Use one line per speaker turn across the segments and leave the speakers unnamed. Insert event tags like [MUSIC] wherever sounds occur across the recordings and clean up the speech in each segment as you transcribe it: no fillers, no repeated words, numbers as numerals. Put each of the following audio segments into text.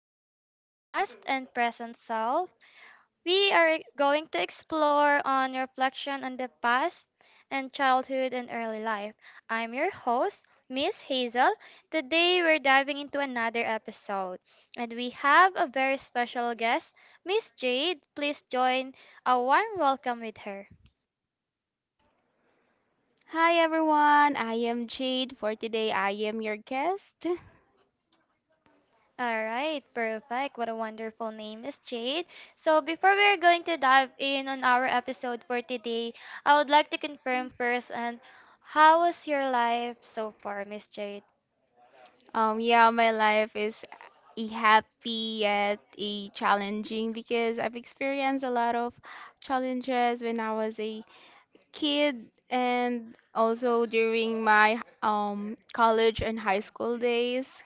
Welcome to Past and Present Self. We are going to explore on reflection on the past and childhood and early life. I'm your host, Miss Hazel. Today we're diving into another episode, and we have a very special guest, Miss Jade. Please join a warm welcome with her.
Hi everyone, I am Jade. For today, I am your guest.
All right, perfect. What a wonderful name is Jade. So before we're going to dive in on our episode for today, I would like to confirm first, and how was your life so far, Miss Jade?
Yeah, my life is a happy yet a challenging because I've experienced a lot of challenges when I was a kid and also during my college and high school days.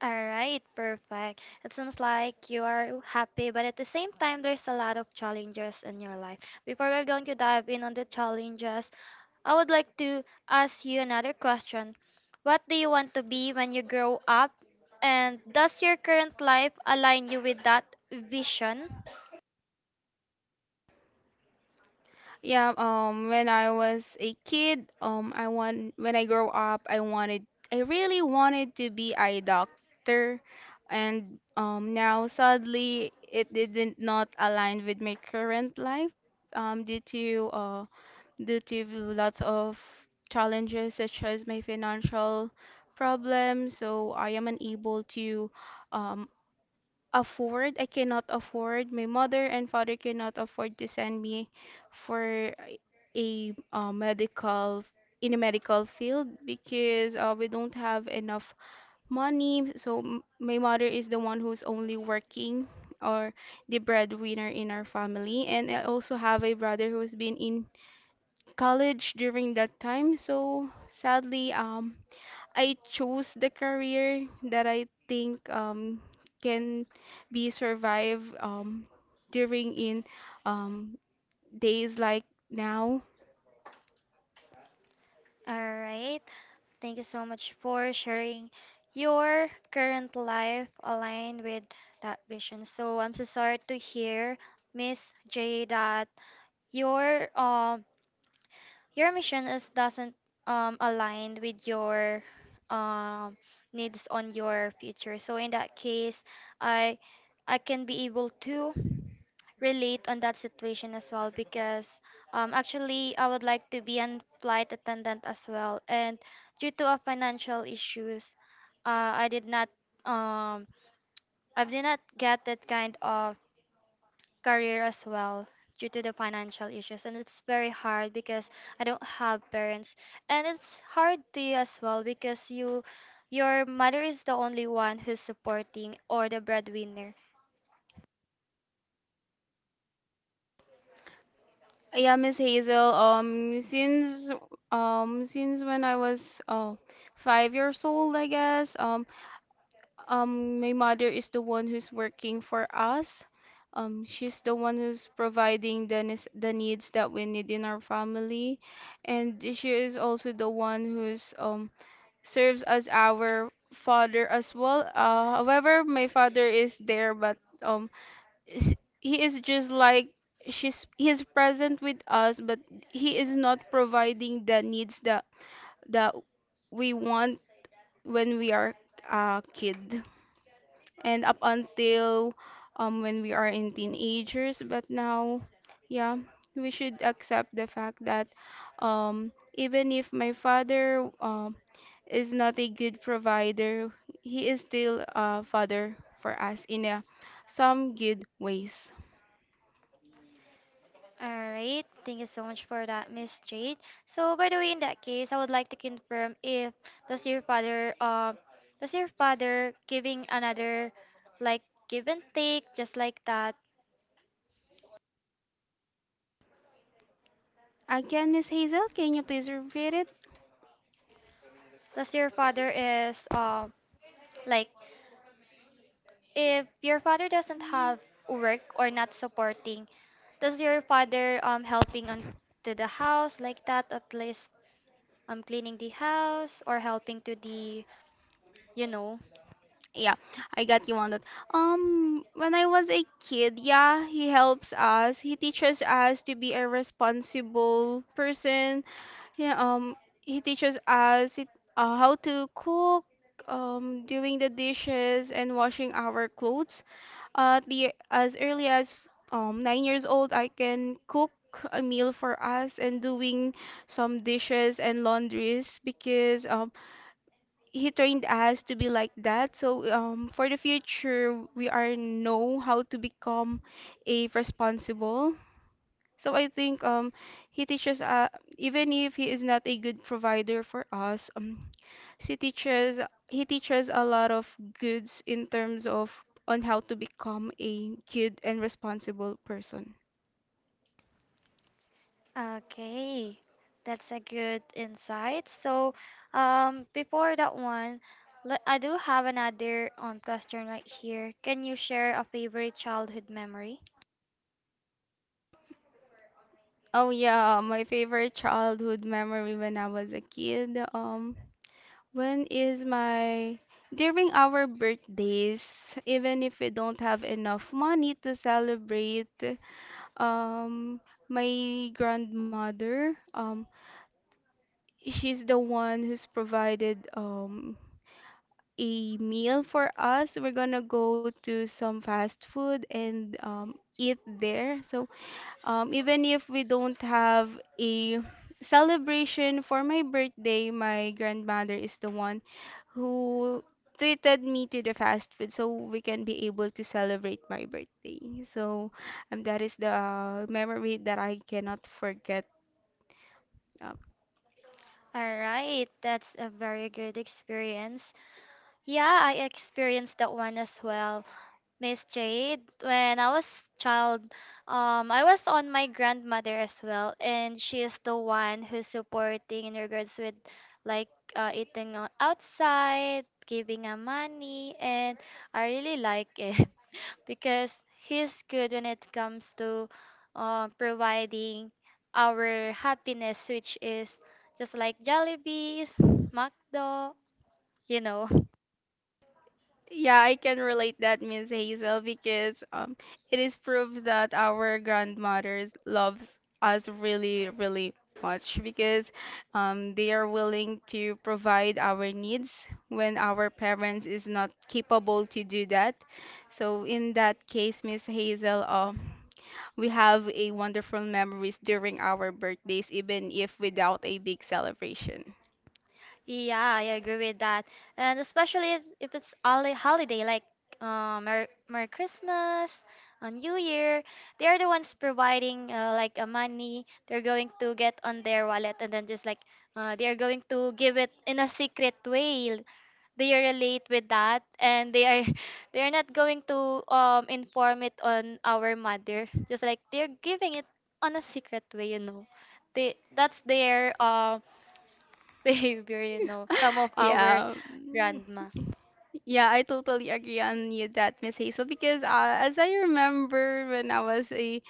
All right, perfect. It seems like you are happy, but at the same time, there's a lot of challenges in your life. Before we're going to dive in on the challenges, I would like to ask you another question. What do you want to be when you grow up? And does your current life align you with that vision?
Yeah, when I was a kid, I want when I grow up, I really wanted to be a doctor, and now sadly, it didn't not align with my current life, um, due to uh, due to lots of challenges such as my financial problems. So I am unable to, um, afford I cannot afford my mother and father cannot afford to send me for a medical in a medical field because we don't have enough money so my mother is the one who's only working or the breadwinner in our family, and I also have a brother who's been in college during that time. So sadly, I chose the career that I think can be survived, during in um, days like now.
All right. Thank you so much for sharing your current life aligned with that vision. So I'm so sorry to hear, Miss J, that your um your mission is doesn't align with your um needs on your future. So in that case, i I can be able to relate on that situation as well because actually I would like to be a flight attendant as well, and due to a financial issues, uh, i did not um I did not get that kind of career as well due to the financial issues. And it's very hard because I don't have parents, and it's hard to you as well because your mother is the only one who's supporting or the breadwinner.
Yeah, Miss Hazel. Since since when I was 5 years old, I guess. My mother is the one who's working for us. She's the one who's providing the the needs that we need in our family, and she is also the one who's serves as our father as well. However, my father is there, but s- he is just like she's. He is present with us, but he is not providing the needs that that we want when we are a kid, and up until when we are in teenagers. But now, yeah, we should accept the fact that even if my father is not a good provider, he is still a father for us in a, some good ways.
All right, thank you so much for that, Miss Jade. So by the way, in that case, I would like to confirm, if does your father does your father giving another, like, give and take just like that?
Again, Miss Hazel, can you please repeat it?
Does your father is like, if your father doesn't have work or not supporting, does your father helping on to the house like that, at least cleaning the house or helping to the you know
Yeah, I got you on that. When I was a kid, yeah, he helps us. He teaches us to be a responsible person. Yeah, he teaches us it, how to cook, doing the dishes and washing our clothes. The as early as 9 years old, I can cook a meal for us and doing some dishes and laundries because he trained us to be like that. So for the future, we are know how to become a responsible. So I think he teaches even if he is not a good provider for us, he teaches he teaches a lot of goods in terms of on how to become a good and responsible person.
okay, that's a good insight. So before that one, I do have another question right here. Can you share a favorite childhood memory?
Oh yeah, my favorite childhood memory when I was a kid. When is my During our birthdays, even if we don't have enough money to celebrate, um, my grandmother, she's the one who's provided a meal for us. We're gonna go to some fast food and eat there. So even if we don't have a celebration for my birthday, my grandmother is the one who treated me to the fast food so we can be able to celebrate my birthday. So that is the memory that I cannot forget. um,
All right, that's a very good experience. Yeah, I experienced that one as well. Miss Jade, when I was child, I was on my grandmother as well, and she is the one who's supporting in regards with, like, eating outside, giving a money, and I really like it [LAUGHS] because he's good when it comes to providing our happiness, which is just like Jollibees, McDo, you know.
Yeah, I can relate that, Miss Hazel, because it is proof that our grandmothers loves us really, really much because they are willing to provide our needs when our parents is not capable to do that. So in that case, Miss Hazel, we have a wonderful memories during our birthdays, even if without a big celebration.
Yeah, I agree with that. And especially if it's holiday like, Merry Christmas, New Year, they are the ones providing, like, money they're going to get on their wallet, and then just like, they are going to give it in a secret way. They relate with that, and they are [LAUGHS] they are not going to inform it on our mother. Just like they're giving it on a secret way. They that's their [LAUGHS] behavior, some of
[LAUGHS]
our
Yeah. Mm.
grandma.
Yeah, I totally agree on you that, Miss Hazel, because as I remember when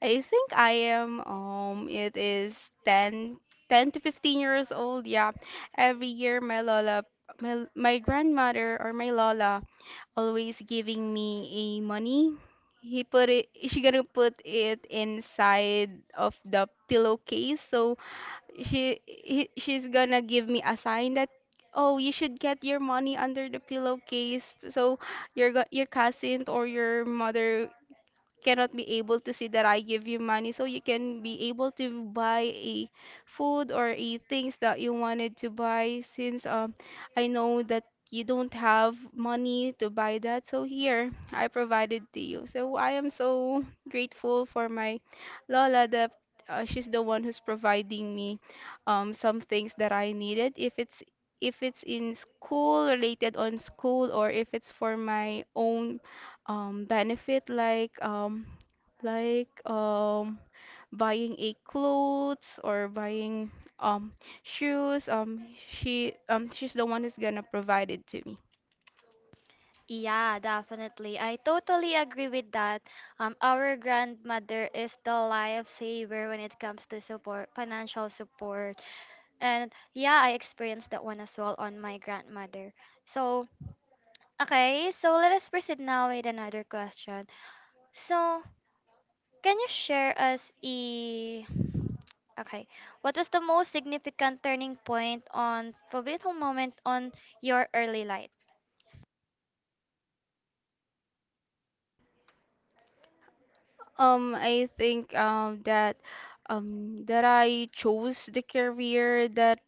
I think I am, it is 10 to 15 years old, yeah. Every year my lola, my grandmother or my lola always giving me a money. She gonna put it inside of the pillowcase, so she's gonna give me a sign that oh, you should get your money under the pillowcase so your your cousin or your mother cannot be able to see that I give you money so you can be able to buy a food or a things that you wanted to buy. Since I know that you don't have money to buy that, so here I provided to you. So I am so grateful for my Lola that she's the one who's providing me some things that I needed, if it's in school, related on school, or if it's for my own benefit, like like um buying a clothes or buying um shoes. She's the one who's gonna provide it to me.
Yeah, definitely. I totally agree with that. Our grandmother is the lifesaver when it comes to support, financial support. And yeah, I experienced that one as well on my grandmother. So, okay, so let us proceed now with another question. So, can you share us a, okay, what was the most significant turning point on pivotal moment on your early life?
I think that That I chose the career that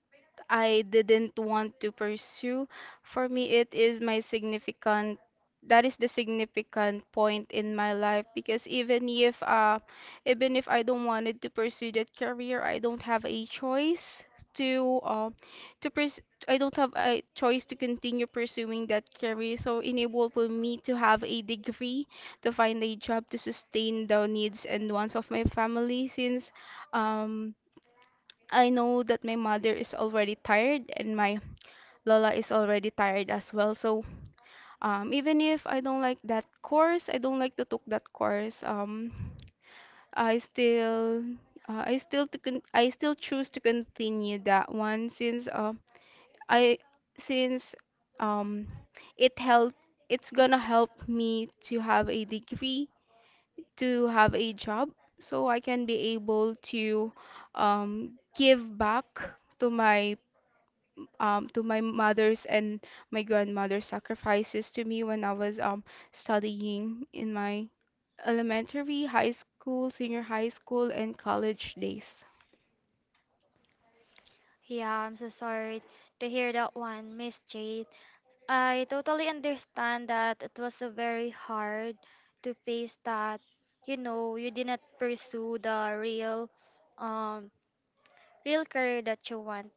I didn't want to pursue. For me, it is my that is the significant point in my life because even if I don't wanted to pursue that career, I don't have a choice to I don't have a choice to continue pursuing that career. So enabled for me to have a degree, to find a job to sustain the needs and wants of my family since um I know that my mother is already tired and my Lola is already tired as well. So even if I don't like that course, I don't like to took that course. I still I still choose to continue that one since I since um, it help it's gonna help me to have a degree, to have a job, so I can be able to um, give back to my to my mother's and my grandmother's sacrifices to me when I was studying in my elementary, high school, senior high school, and college days.
Yeah, I'm so sorry to hear that one, Miss Jade. I totally understand that it was a very hard to face that, you did not pursue the um real career that you want.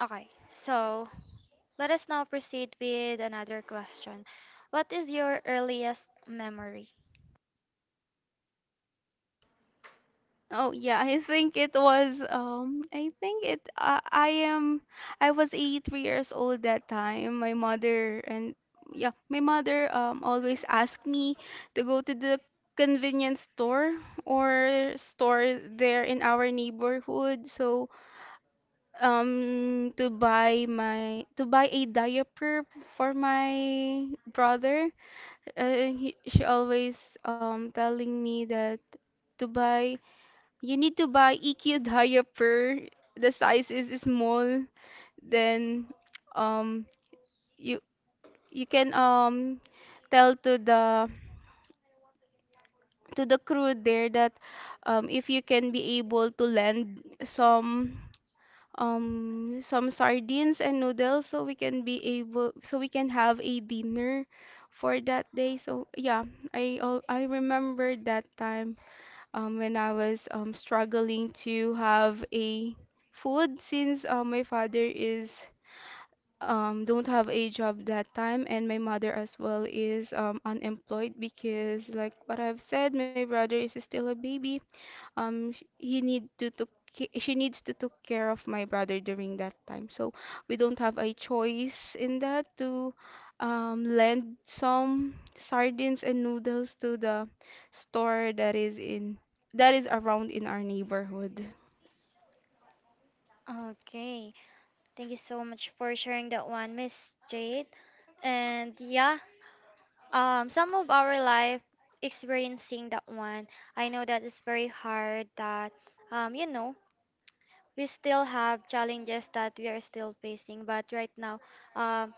Okay, so let us now proceed with another question. What is your earliest memory?
Oh yeah, I think it was I think it I am I was 83 years old that time. My mother and yeah, my mother always asked me to go to the convenience store or store there in our neighborhood. So to buy a diaper for my brother. She always telling me that to buy you need to buy EQ [LAUGHS] diaper. The size is small. Then um you you can tell to the crew there that if you can be able to lend some some sardines and noodles so we can be able, so we can have a dinner for that day. So yeah, I remember that time when I was struggling to have a food since my father is don't have a job that time, and my mother as well is unemployed because like what I've said, my brother is still a baby. Sh- he need to took ca- She needs to take care of my brother during that time. So we don't have a choice in that to lend some sardines and noodles to the store that is in that is around in our neighborhood.
Okay. Thank you so much for sharing that one, Miss Jade. And yeah, some of our life experiencing that one, I know that it's very hard that, um you know we still have challenges that we are still facing, but right now, um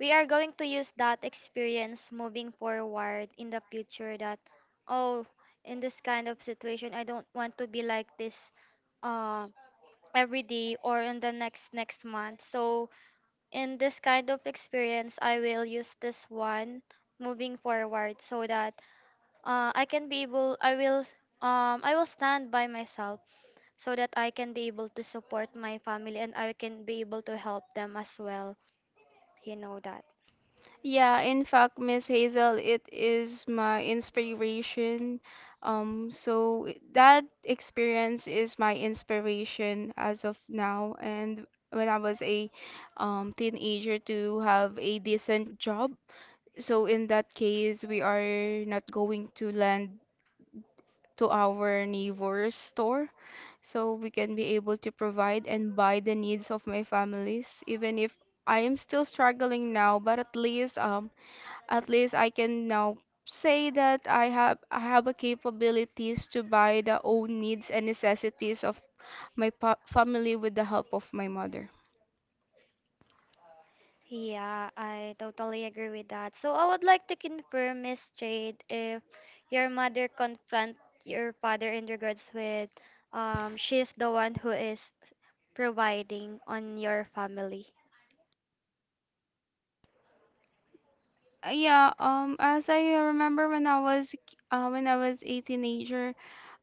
we are going to use that experience moving forward in the future, that, oh, in this kind of situation, I don't want to be like this, uh, every day or in the next month. So in this kind of experience, I will use this one moving forward so that, I can be able I will stand by myself so that I can be able to support my family, and I can be able to help them as well. You know that.
Yeah, in fact, Miss Hazel, it is my inspiration. That experience is my inspiration as of now. And when I was a teenager, to have a decent job, so in that case, we are not going to lend to our neighbor's store, so we can be able to provide and buy the needs of my families, even if I am still struggling now. But at least, at least I can now say that I have a capabilities to buy the own needs and necessities of my family with the help of my mother.
Yeah, I totally agree with that. So I would like to confirm, Miss Jade, if your mother confront your father in regards with, she's the one who is providing on your family
Yeah, as I remember when I was a teenager,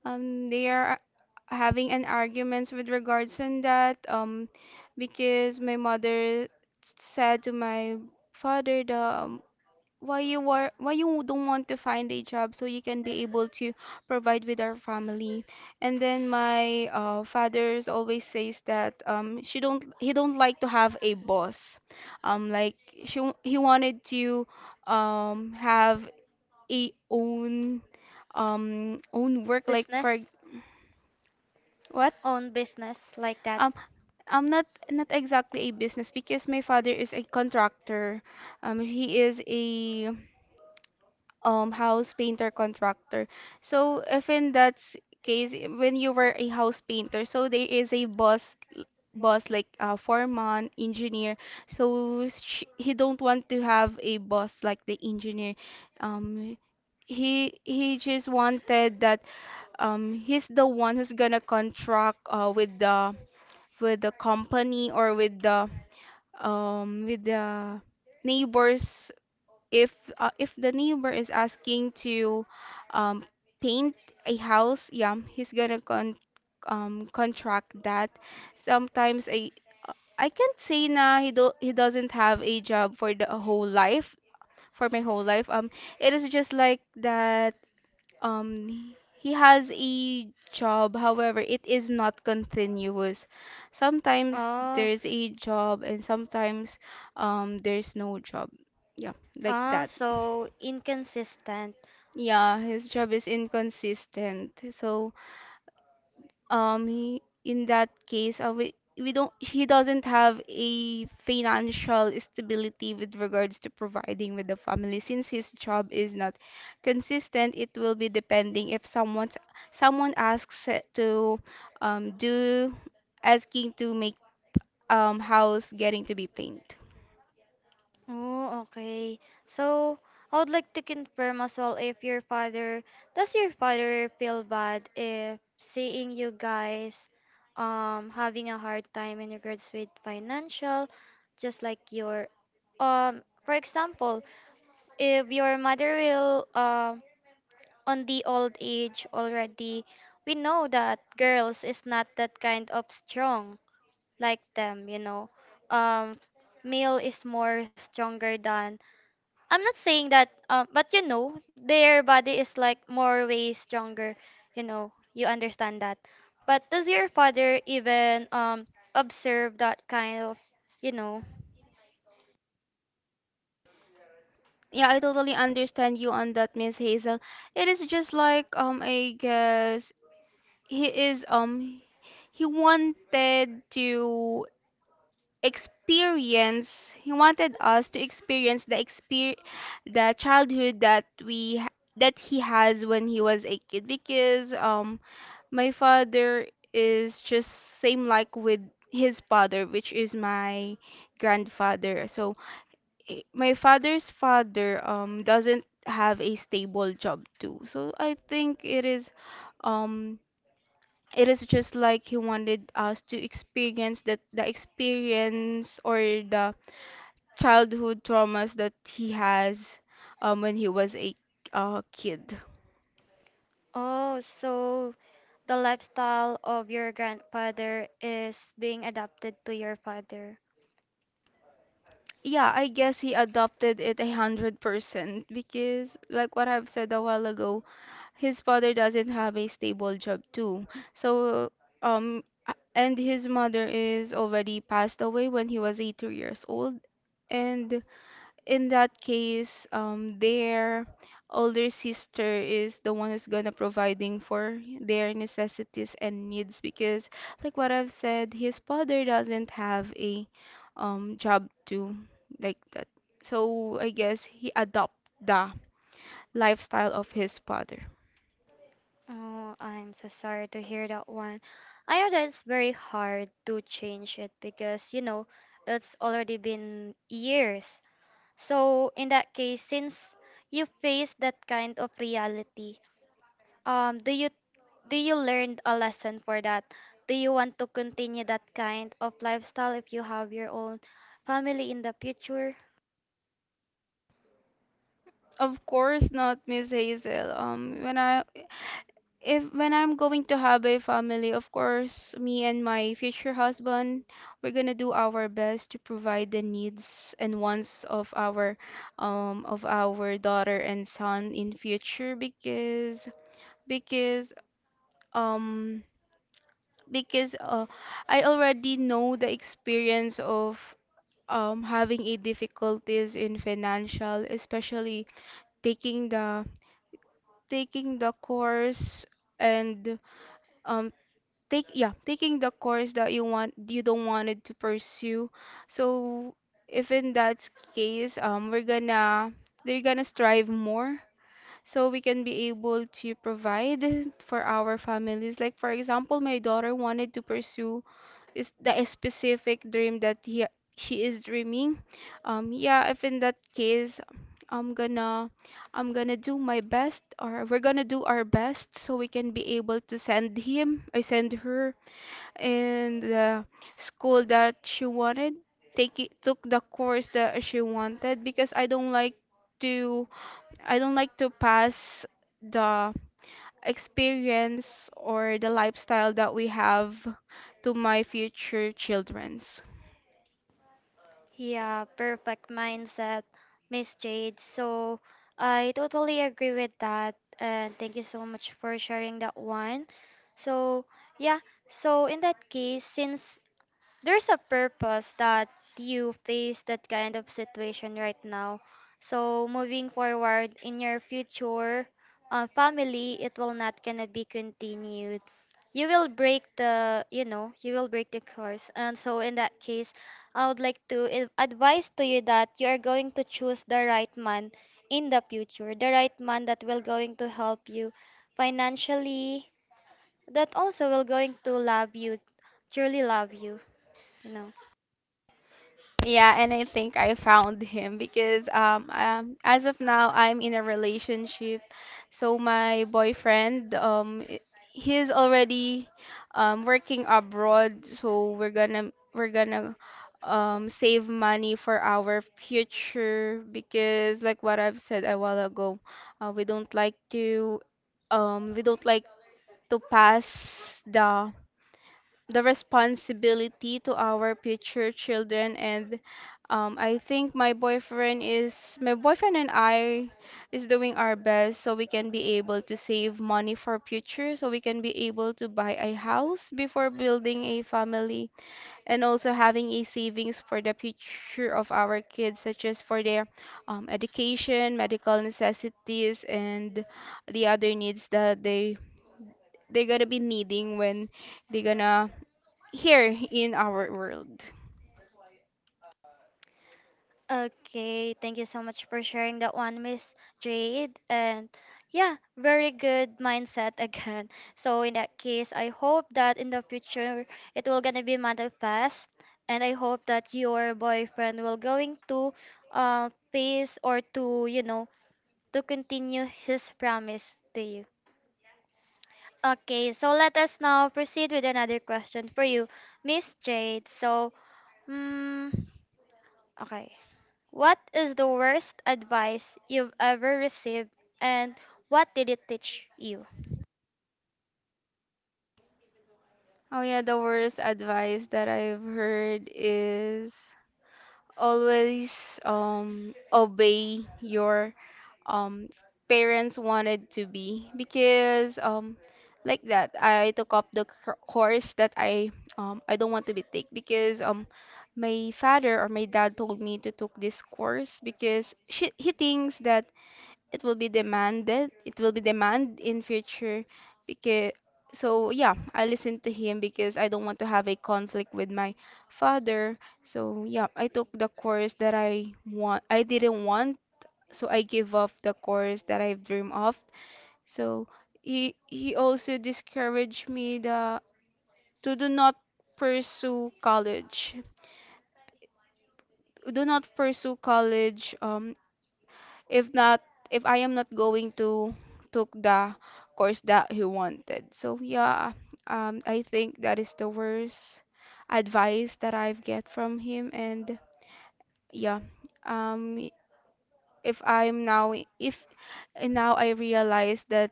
they are having an arguments with regards on that, because my mother said to my father the why you were why you don't want to find a job so you can be able to provide with our family. And then my father's always says that she don't he don't like to have a boss, like he wanted to have a own own work, like
business,
for what.
own business like that.
um I'm not not exactly a business because my father is a contractor. He is a house painter contractor. So if in that case, when you were a house painter, so there is a boss like a foreman, engineer. So sh he don't want to have a boss like the engineer. Um he just wanted that he's the one who's gonna contract with the company or with the neighbors. If if the neighbor is asking to um, paint a house, yeah, he's gonna contract that. Sometimes I can't say na he doesn't have a job for the whole life for my whole life. It is just like that. He has a job, however, it is not continuous. Sometimes
Oh.
there's a job and sometimes there's no job. Yeah, like
Ah,
that.
so inconsistent.
Yeah, his job is inconsistent. So, he, in that case, we don't, he doesn't have a financial stability with regards to providing with the family. Since his job is not consistent, it will be depending if someone asks it to do asking to make house getting to be paint.
Oh, okay. So I would like to confirm as well, if your father does your father feel bad if seeing you guys having a hard time in regards with financial, just like your, for example, if your mother will, on the old age already, we know that girls is not that kind of strong like them. Um, Male is more stronger than. I'm not saying that, but their body is like more way stronger. You know, you understand that. But does your father even observe that kind of, you know?
Yeah, I totally understand you on that, Miss Hazel. It is just like I guess he is um he wanted to experience he wanted us to experience the childhood that that he has when he was a kid because my father is just same like with his father, which is my grandfather. So my father's father doesn't have a stable job too, so I think um it is just like he wanted us to experience that, the experience or the childhood traumas that he has when he was a kid.
Oh, so the lifestyle of your grandfather is being adapted to your father.
Yeah, I guess he adopted it 100% because, like what I've said a while ago, his father doesn't have a stable job too. So, and his mother is already passed away when he was 8 years old, and in that case, their older sister is the one who's gonna providing for their necessities and needs because, like what I've said, his father doesn't have a job to like that. So I guess he adopt the lifestyle of his father.
Oh, I'm so sorry to hear that one. I know that it's very hard to change it because, it's already been years. So, in that case, since you faced that kind of reality, um, do you do you learn a lesson for that? Do you want to continue that kind of lifestyle if you have your own family in the future?
Of course not, Miss Hazel. When I if when I'm going to have a family, of course, me and my future husband, we're gonna do our best to provide the needs and wants of our daughter and son in future because um because I already know the experience of having a difficulties in financial, especially taking the taking the course and um take yeah taking the course that you don't wanted to pursue. So if in that case, we're gonna they're gonna strive more so we can be able to provide for our families. Like for example, my daughter wanted to pursue, is the specific dream that he she is dreaming. Yeah, if in that case, I'm gonna I'm gonna do my best, or we're gonna do our best so we can be able to send him, I send her in the school that she wanted. Take it, took the course that she wanted because to I don't like to pass the experience or the lifestyle that we have to my future children.
Yeah, perfect mindset, Miss Jade. So I totally agree with that. And thank you so much for sharing that one. So, yeah, so in that case, since there's a purpose that you face that kind of situation right now. So moving forward in your future, family, it will not gonna be continued. You will break the course. And so in that case, I would like to advise to you that you are going to choose the right man in the future, the right man that will going to help you financially, that also will going to love you, truly love you, you know.
Yeah, and I think I found him because as of now I'm in a relationship. So my boyfriend he's already working abroad, so we're gonna save money for our future because like what I've said a while ago, uh, we don't like to we don't like to pass the responsibility to our future children, and I think my boyfriend is my boyfriend and I is doing our best so we can be able to save money for future so we can be able to buy a house before building a family, and also having a savings for the future of our kids such as for their education, medical necessities and the other needs that they're gonna be needing when they're gonna here in our world.
Okay, thank you so much for sharing that one, Miss Jade. And yeah, very good mindset again. [LAUGHS] So in that case, I hope that in the future it will gonna be manifest, and I hope that your boyfriend will going to face or to you know to continue his promise to you. Okay, so let us now proceed with another question for you, Miss Jade. So, mm, okay. What is the worst advice you've ever received, and what did it teach you?
Oh yeah, the worst advice that I've heard is always obey your um parents wanted to be, because like that I took up course that I don't want to be take because my father or my dad told me to took this course because he thinks that it will be demand in future because. So yeah, I listen to him because I don't want to have a conflict with my father. So yeah, I took the course that I didn't want, so I gave up the course that I dream of. So he also discouraged me the to do not pursue college, do not pursue college if not, if I am not going to took the course that he wanted. So yeah, I think that is the worst advice that I've get from him, and yeah, um, if I'm now if now I realize that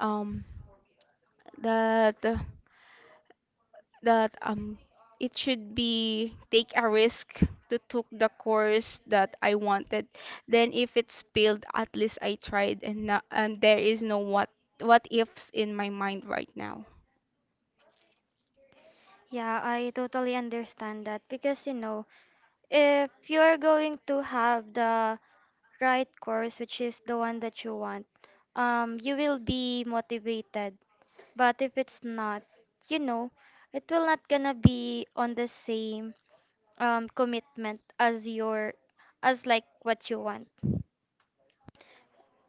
um that that um it should be take a risk to took the course that I wanted. Then if it's failed, at least I tried, and there is no what ifs in my mind right now.
Yeah, I totally understand that because if you're going to have the right course, which is the one that you want, you will be motivated. But if it's not, you know, it will not gonna be on the same commitment as like what you want.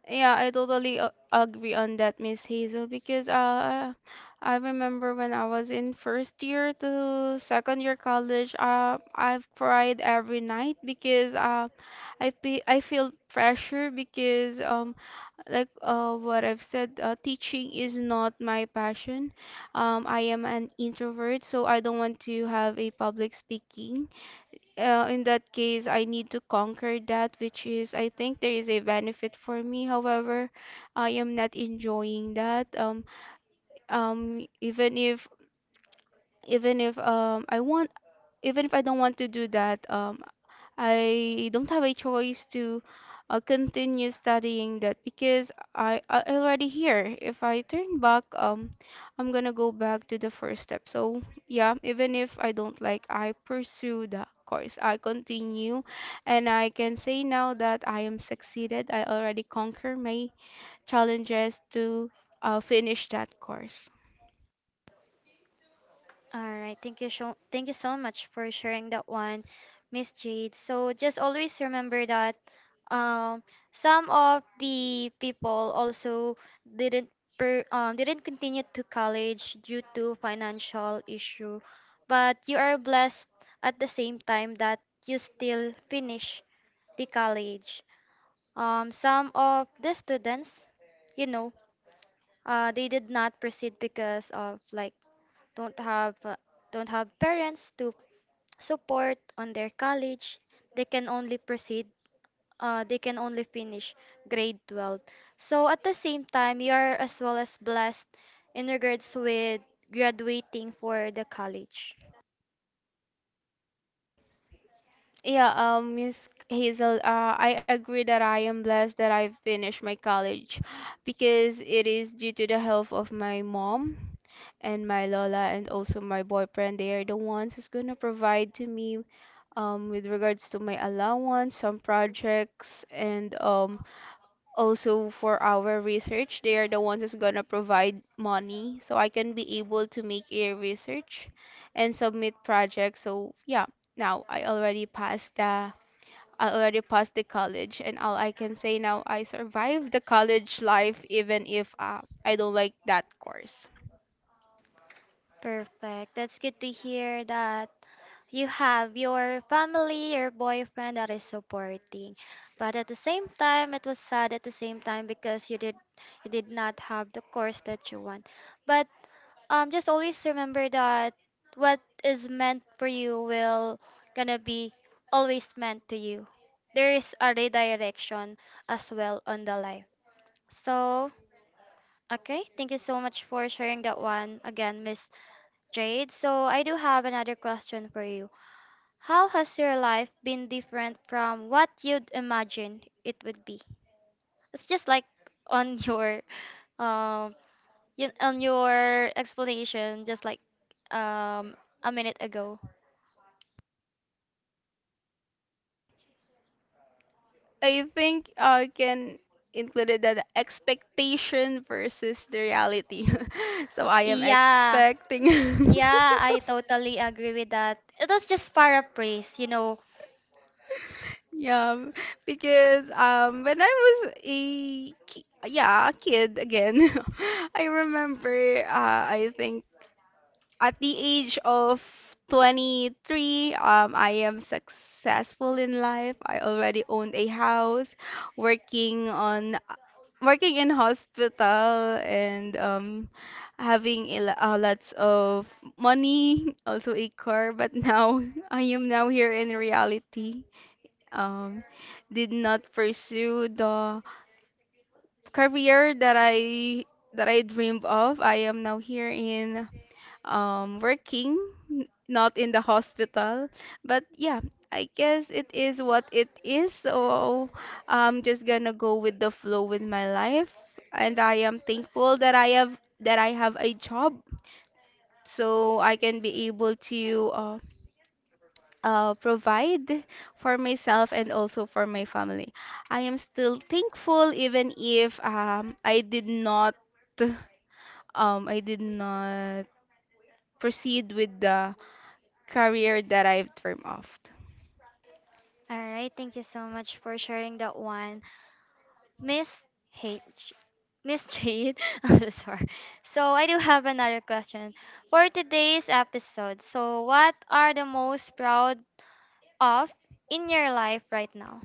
Yeah, I totally agree on that, Miss Hazel, because I remember when I was in first year to second year college, I've cried every night because I feel pressure because like what I've said, teaching is not my passion. I am an introvert, so I don't want to have a public speaking. In that case, I need to conquer that, which is I think there is a benefit for me. However, I am not enjoying that. Um, even if even if um I want even if I don't want to do that, I don't have a choice to continue studying that because I already here. If I turn back, I'm gonna go back to the first step. So yeah, even if I don't like, I pursue the course. I continue, and I can say now that I am succeeded. I already conquer my challenges to finish that course.
All right, thank you so much for sharing that one, Miss Jade. So just always remember that um some of the people also didn't didn't continue to college due to financial issue, but you are blessed at the same time that you still finish the college. Some of the students, you know, they did not proceed because of, like, don't have uh, don't have parents to support on their college. They can only proceed they can only finish grade 12. So at the same time, you are as well as blessed in regards with graduating for the college.
Yeah, Miss Hazel, I agree that I am blessed that I finished my college because it is due to the help of my mom and my Lola and also my boyfriend. They are the ones who's gonna provide to me with regards to my allowance, some projects, and also for our research. They are the ones who's gonna provide money so I can be able to make a research and submit projects. So yeah, now I already passed the college, and all I can say now, I survived the college life, even if I don't like that course.
Perfect, that's good to hear that you have your family, your boyfriend that is supporting, but at the same time it was sad at the same time because you did not have the course that you want. But just always remember that what is meant for you will gonna be always meant to you. There is a redirection as well on the life. So, okay, thank you so much for sharing that one again, Miss Jade. So I do have another question for you. How has your life been different from what you'd imagine it would be? It's just like on [LAUGHS] um on your explanation just like, um a minute ago.
I think I can include it, that expectation versus the reality. [LAUGHS] So I am
Yeah,
expecting.
yeah, I
[LAUGHS]
totally agree with that. It was just paraphrase.
Yeah, because when I yeah, a kid again, [LAUGHS] I remember I think at the age of 23, I am successful in life. I already owned a house, working on working in hospital and having a, lots of money, [LAUGHS] also a car, but now [LAUGHS] I am now here in reality. Um, did not pursue the career that I dreamed of. I am now here in working, not in the hospital. But yeah, I guess it is what it is. So I'm just gonna go with the flow with my life, and I am thankful that I have a job, so I can be able to provide for myself and also for my family. I am still thankful, even if I did not proceed with the career that I've dreamed of.
All right, thank you so much for sharing that one, Miss H. Miss Jade, [LAUGHS] I'm so sorry. So I do have another question for today's episode. So what are the most proud of in your life right now?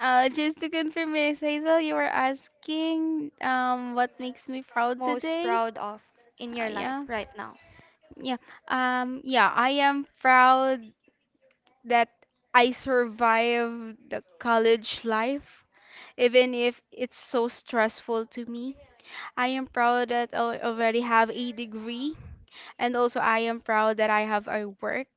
Just to confirm, Miss Hazel, you were asking what makes me proud
Most
today?
proud of in
Uh,
your life
yeah,
right now?
yeah, yeah. I am proud that I survived the college life, even if it's so stressful to me. I am proud that I already have a degree. And also, I am proud that I have a work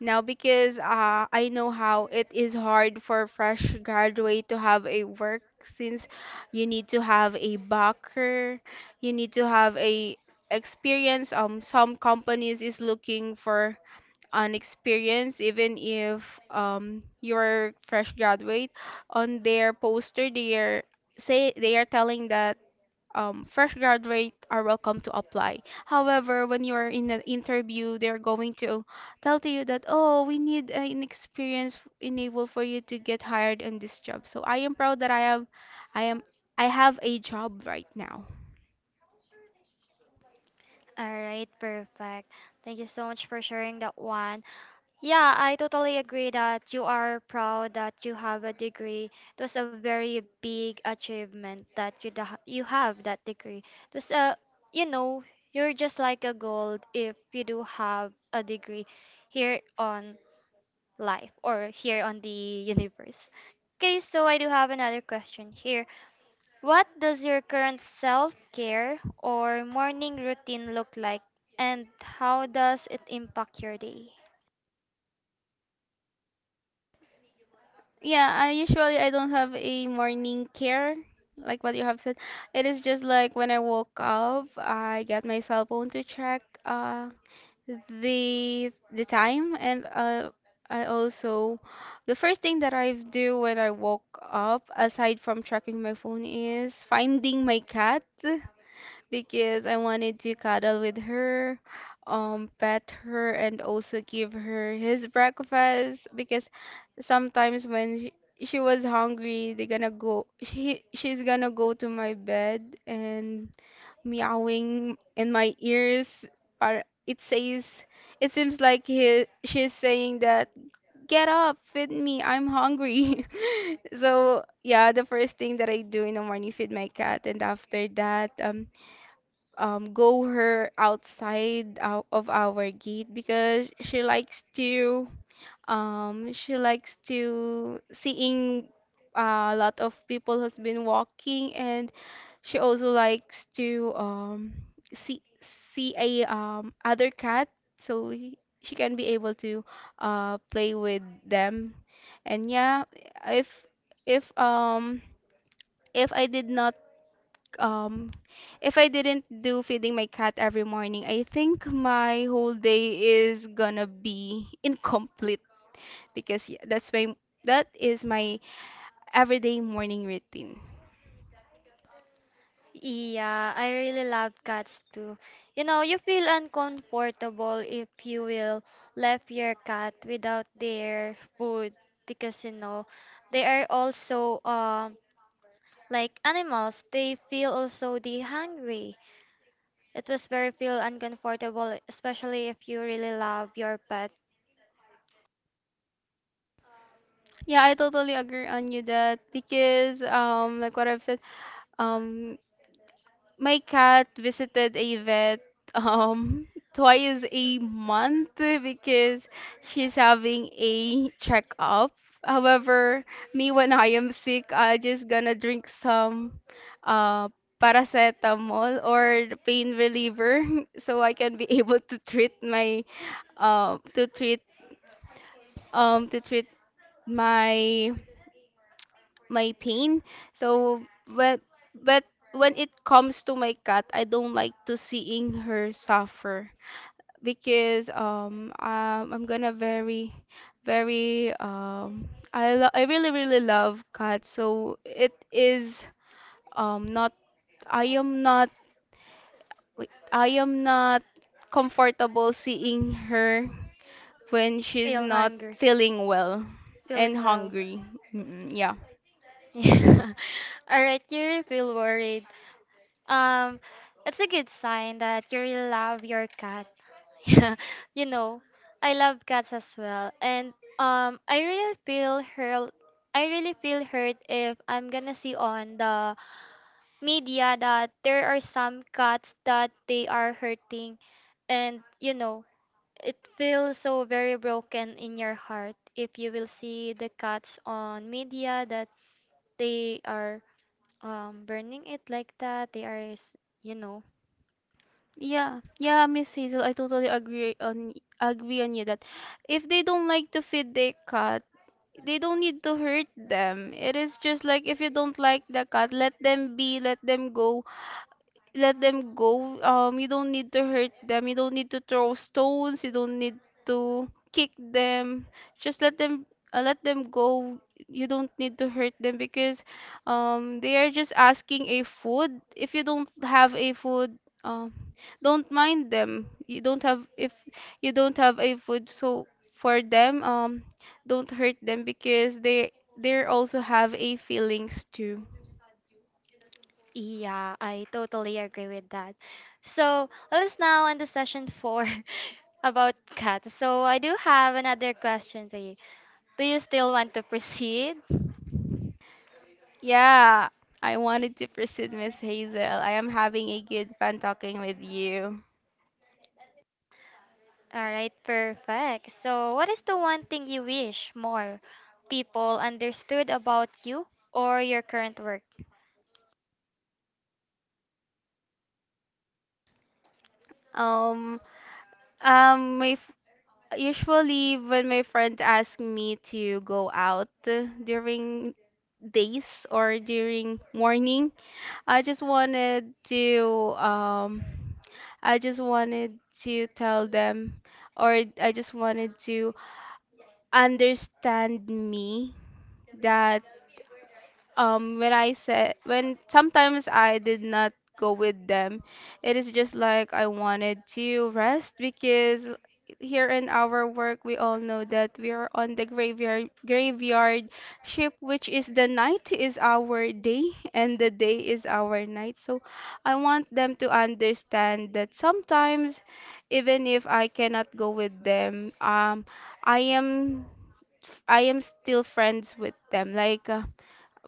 now because I know how it is hard for fresh graduate to have a work, since you need to have a backer, you need to have a experience. Some companies is looking for an experience, even if you're fresh graduate. On their poster they are say they are telling that fresh graduate are welcome to apply. However, when you are in an interview, they're going to tell to you that, oh, we need an experience enable for you to get hired in this job. So I am proud that I am, I have a job right now.
All right, perfect. Thank you so much for sharing that one. Yeah, I totally agree that you are proud that you have a degree. It was a very big achievement that you have that degree. It was a, you know, you're just like a gold if you do have a degree here on life or here on the universe. Okay, so I do have another question here. What does your current self care or morning routine look like, and how does it impact your day?
Yeah, I usually I don't have a morning care, like what you have said. It is just like when I woke up, I get my cell phone to check. The time and I also, the first thing that I do when I woke up aside from checking my phone is finding my cat because I wanted to cuddle with her, pet her and also give her his breakfast because sometimes she was hungry they're gonna go she's gonna go to my bed and meowing in my ears are it says it seems like he she's saying that get up, feed me, I'm hungry. [LAUGHS] So yeah, the first thing that I do in the morning, feed my cat. And after that, go her outside out of our gate because she likes to, she likes to seeing a lot of people who's been walking. And she also likes to see a other cat so she can be able to play with them. And yeah, if if um if I did not, um if I didn't do feeding my cat every morning, I think my whole day is gonna be [LAUGHS] incomplete because yeah, that's my, that is my everyday morning routine.
Yeah, I really love cats too. You know, you feel uncomfortable if you will left your cat without their food because you know they are also like animals. They feel also the hungry. It was very feel uncomfortable, especially if you really love your pet.
Yeah, I totally agree on you that because, like what I've said, um my cat visited a vet, um [LAUGHS] twice a month because she's having a checkup. However, me when I am sick, I just gonna drink some uh paracetamol or pain reliever [LAUGHS] so I can be [LAUGHS] able to treat my, uh to treat to treat my, my pain. So when but when it comes to my cat, I don't like to seeing her suffer because I'm gonna very, very, I really, really love cats. So it is, not I am not wait, I am not comfortable seeing her when she's
Feel
not
hungry,
feeling well and
feeling well.
hungry. Mm, yeah.
Yeah. [LAUGHS] All right, you really feel worried. Um, it's a good sign that you really love your cat. [LAUGHS] Yeah, you know, I love cats as well, and I really feel hurt. I really feel hurt if I'm gonna see on the media that there are some cats that they are hurting, and you know, it feels so very broken in your heart if you will see the cats on media that they are burning it like that you know.
Yeah, yeah, Miss Hazel, I totally agree on you that if they don't like to feed their cat, they don't need to hurt them. It is just like if you don't like the cat, let them be, let them go, let them go. You don't need to hurt them. You don't need to throw stones. You don't need to kick them. Just let them, let them go. You don't need to hurt them because they are just asking a food. If you don't have a food, um don't mind them. You don't have If you don't have a food, so for them, don't hurt them because they also have a feelings too.
Yeah, I totally agree with that. So let us now end the session four [LAUGHS] about cats. So I do have another question to you. Do you still want to proceed?
Yeah, I wanted to proceed, Miss Hazel. I am having a good fun talking with you.
All right, perfect. So what is the one thing you wish more people understood about you or your current work?
Um, my f Usually when my friend asks me to go out during days or during morning, I just wanted to, I just wanted to tell them, or I just wanted to understand me that, when sometimes I did not go with them, it is just like I wanted to rest because here in our work we all know that we are on the graveyard ship, which is the night is our day and the day is our night. So I want them to understand that sometimes, even if I cannot go with them, I am I am still friends with them. Like,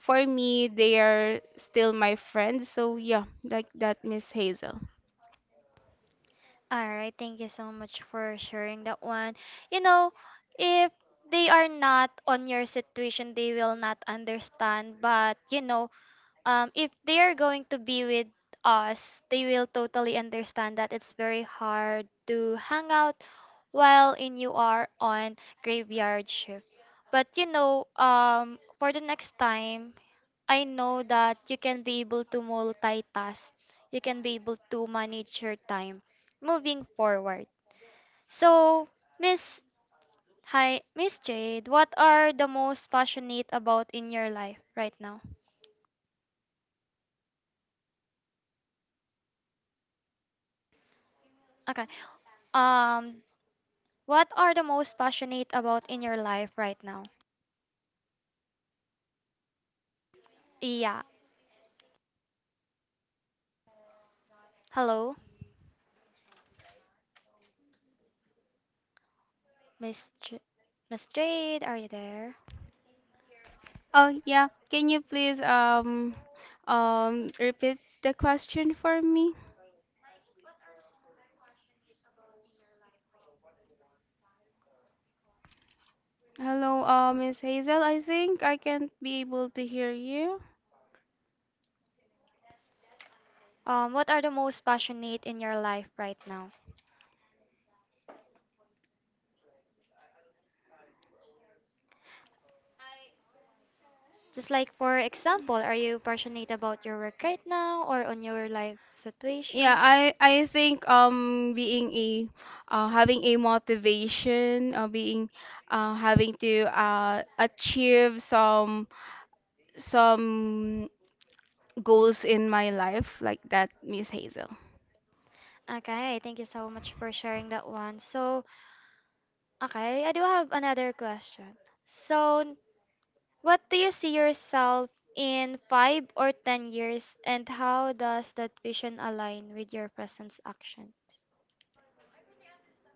for me, they are still my friends. So yeah, like that, Miss Hazel.
All right, thank you so much for sharing that one. You know, if they are not on your situation, they will not understand. But you know, if they are going to be with us, they will totally understand that it's very hard to hang out while in you are on graveyard shift. But you know, for the next time, I know that you can be able to multitask. You can be able to manage your time moving forward. So, Miss Hi, Miss Jade, what are the most passionate about in your life right now? Okay. Um, what are the most passionate about in your life right now? Yeah. Hello, Miss J- Miss Jade, are you there?
Oh yeah, can you please repeat the question for me? Hello, Miss Hazel. I think I can't be able to hear you.
What are the most passionate in your life right now? Just like for example, are you passionate about your work right now or on your life
Yeah,
situation?
I think, being a, having a motivation, being having to achieve some, some goals in my life, like that, Miss Hazel.
Okay, thank you so much for sharing that one. So, okay, I do have another question. So, what do you see yourself in 5 or 10 years and how does that vision align with your present action?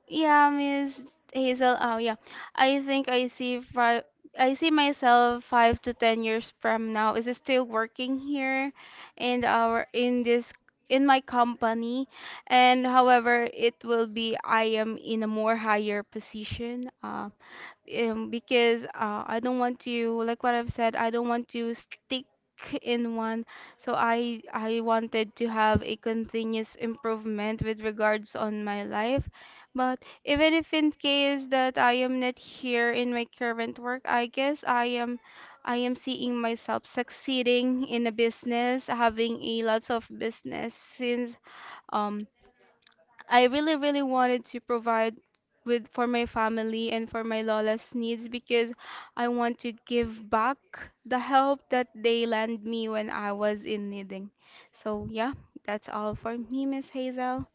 Yeah, Miss Hazel. Oh, yeah. I think I see five. I see myself 5 to 10 years from now. Is still working here, in our in this in my company, and however it will be, I am in a more higher position. Because I don't want to, like what I've said, I don't want to stick in one. So I wanted to have a continuous improvement with regards on my life. But even if in case that I am not here in my current work, I guess I am seeing myself succeeding in a business, having a lots of business since, um I really, really wanted to provide with for my family and for my Lola's needs because I want to give back the help that they lent me when I was in needing. So yeah, that's all for me, Miss Hazel.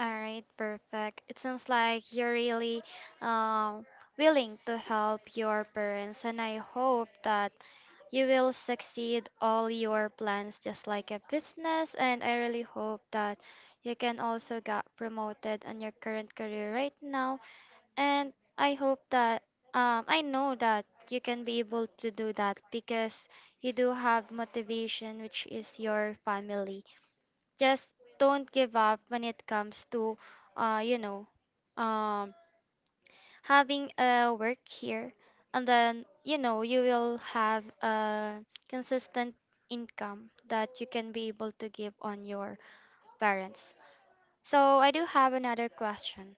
All right, perfect. It sounds like you're really um, willing to help your parents, and I hope that you will succeed all your plans just like a business. And I really hope that you can also get promoted on your current career right now. And I hope that I know that you can be able to do that because you do have motivation, which is your family. Just don't give up when it comes to you know, um having a work here, and then you know you will have a consistent income that you can be able to give on your parents. So I do have another question.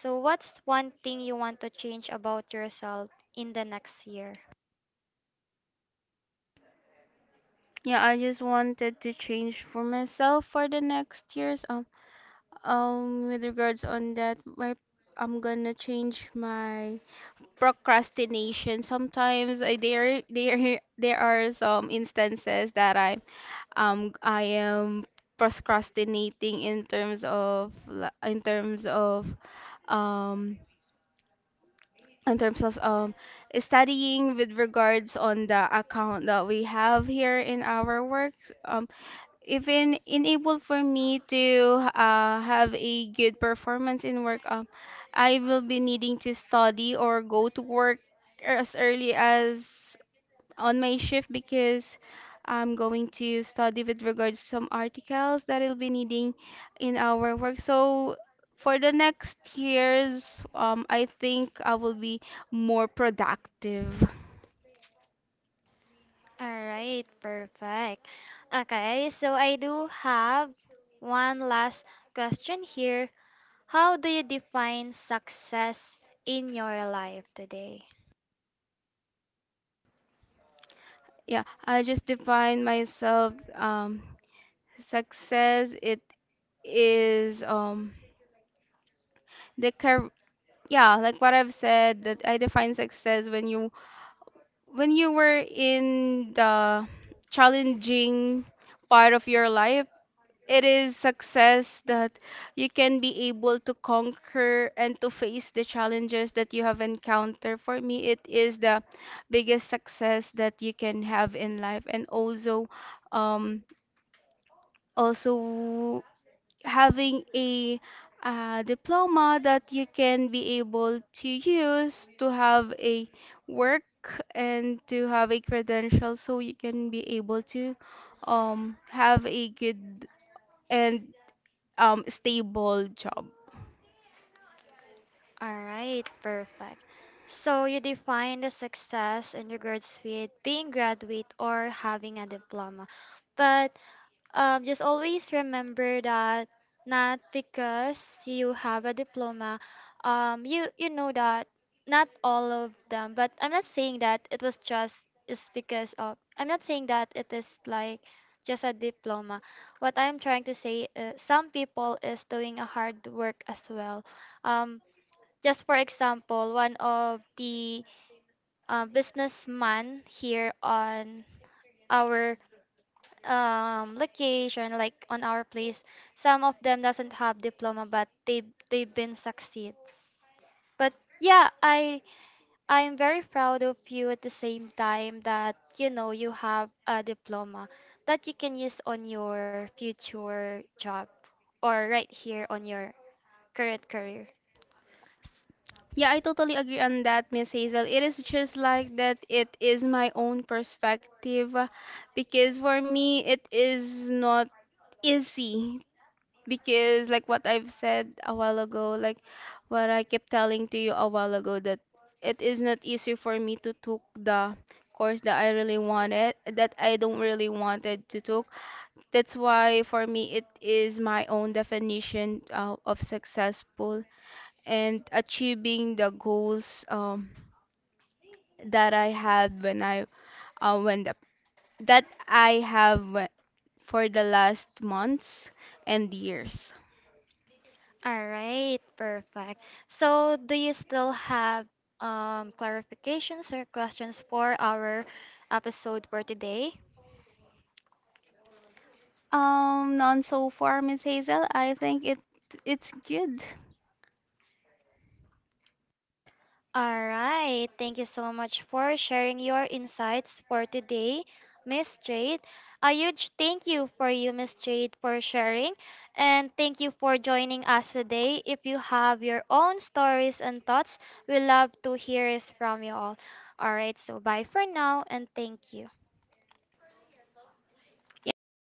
So what's one thing you want to change about yourself in the next year?
Yeah, I just wanted to change for myself for the next years. With regards on that, my I'm gonna change my procrastination. Sometimes I, there are some instances that I am procrastinating in terms of, in terms of, um in terms of um studying with regards on the account that we have here in our work. um Even enable for me to have a good performance in work, I will be needing to study or go to work as early as on my shift because I'm going to study with regards to some articles that I'll be needing in our work. So for the next years, I think I will be more productive.
All right, perfect. Okay, so I do have one last question here. How do you define success in your life today?
Yeah, I just define myself, success it is the car yeah, like what I've said, that I define success when you, when you were in the challenging part of your life. It is success that you can be able to conquer and to face the challenges that you have encountered. For me, it is the biggest success that you can have in life. And also, um, also having a, diploma that you can be able to use to have a work and to have a credential, so you can be able to, have a good and stable job.
All right, perfect. So you define the success in regards with being graduate or having a diploma. But just always remember that not because you have a diploma, you you know that not all of them. But I'm not saying that it was just is because of. I'm not saying that it is like just a diploma. What I'm trying to say is some people is doing a hard work as well. Um, just for example, one of the businessman here on our location, like on our place, some of them doesn't have diploma, but they've been succeed. But yeah, I'm very proud of you at the same time that you know you have a diploma that you can use on your future job or right here on your current career.
Yeah, I totally agree on that, Miss Hazel. It is just like that it is my own perspective, because for me it is not easy, because like what I've said a while ago, like what I kept telling to you a while ago, that it is not easy for me to took the course that I really wanted, that I don't really wanted to took. That's why for me it is my own definition, of successful and achieving the goals, that I had when I when the, that I have for the last months and years.
All right, perfect. So do you still have clarifications or questions for our episode for today?
None so far, Miss Hazel. I think it's good.
All right. Thank you so much for sharing your insights for today, Miss Jade. A huge thank you for you, Miss Jade, for sharing. And thank you for joining us today. If you have your own stories and thoughts, we love to hear it from you all. All right. So bye for now and thank you.
Yeah, thank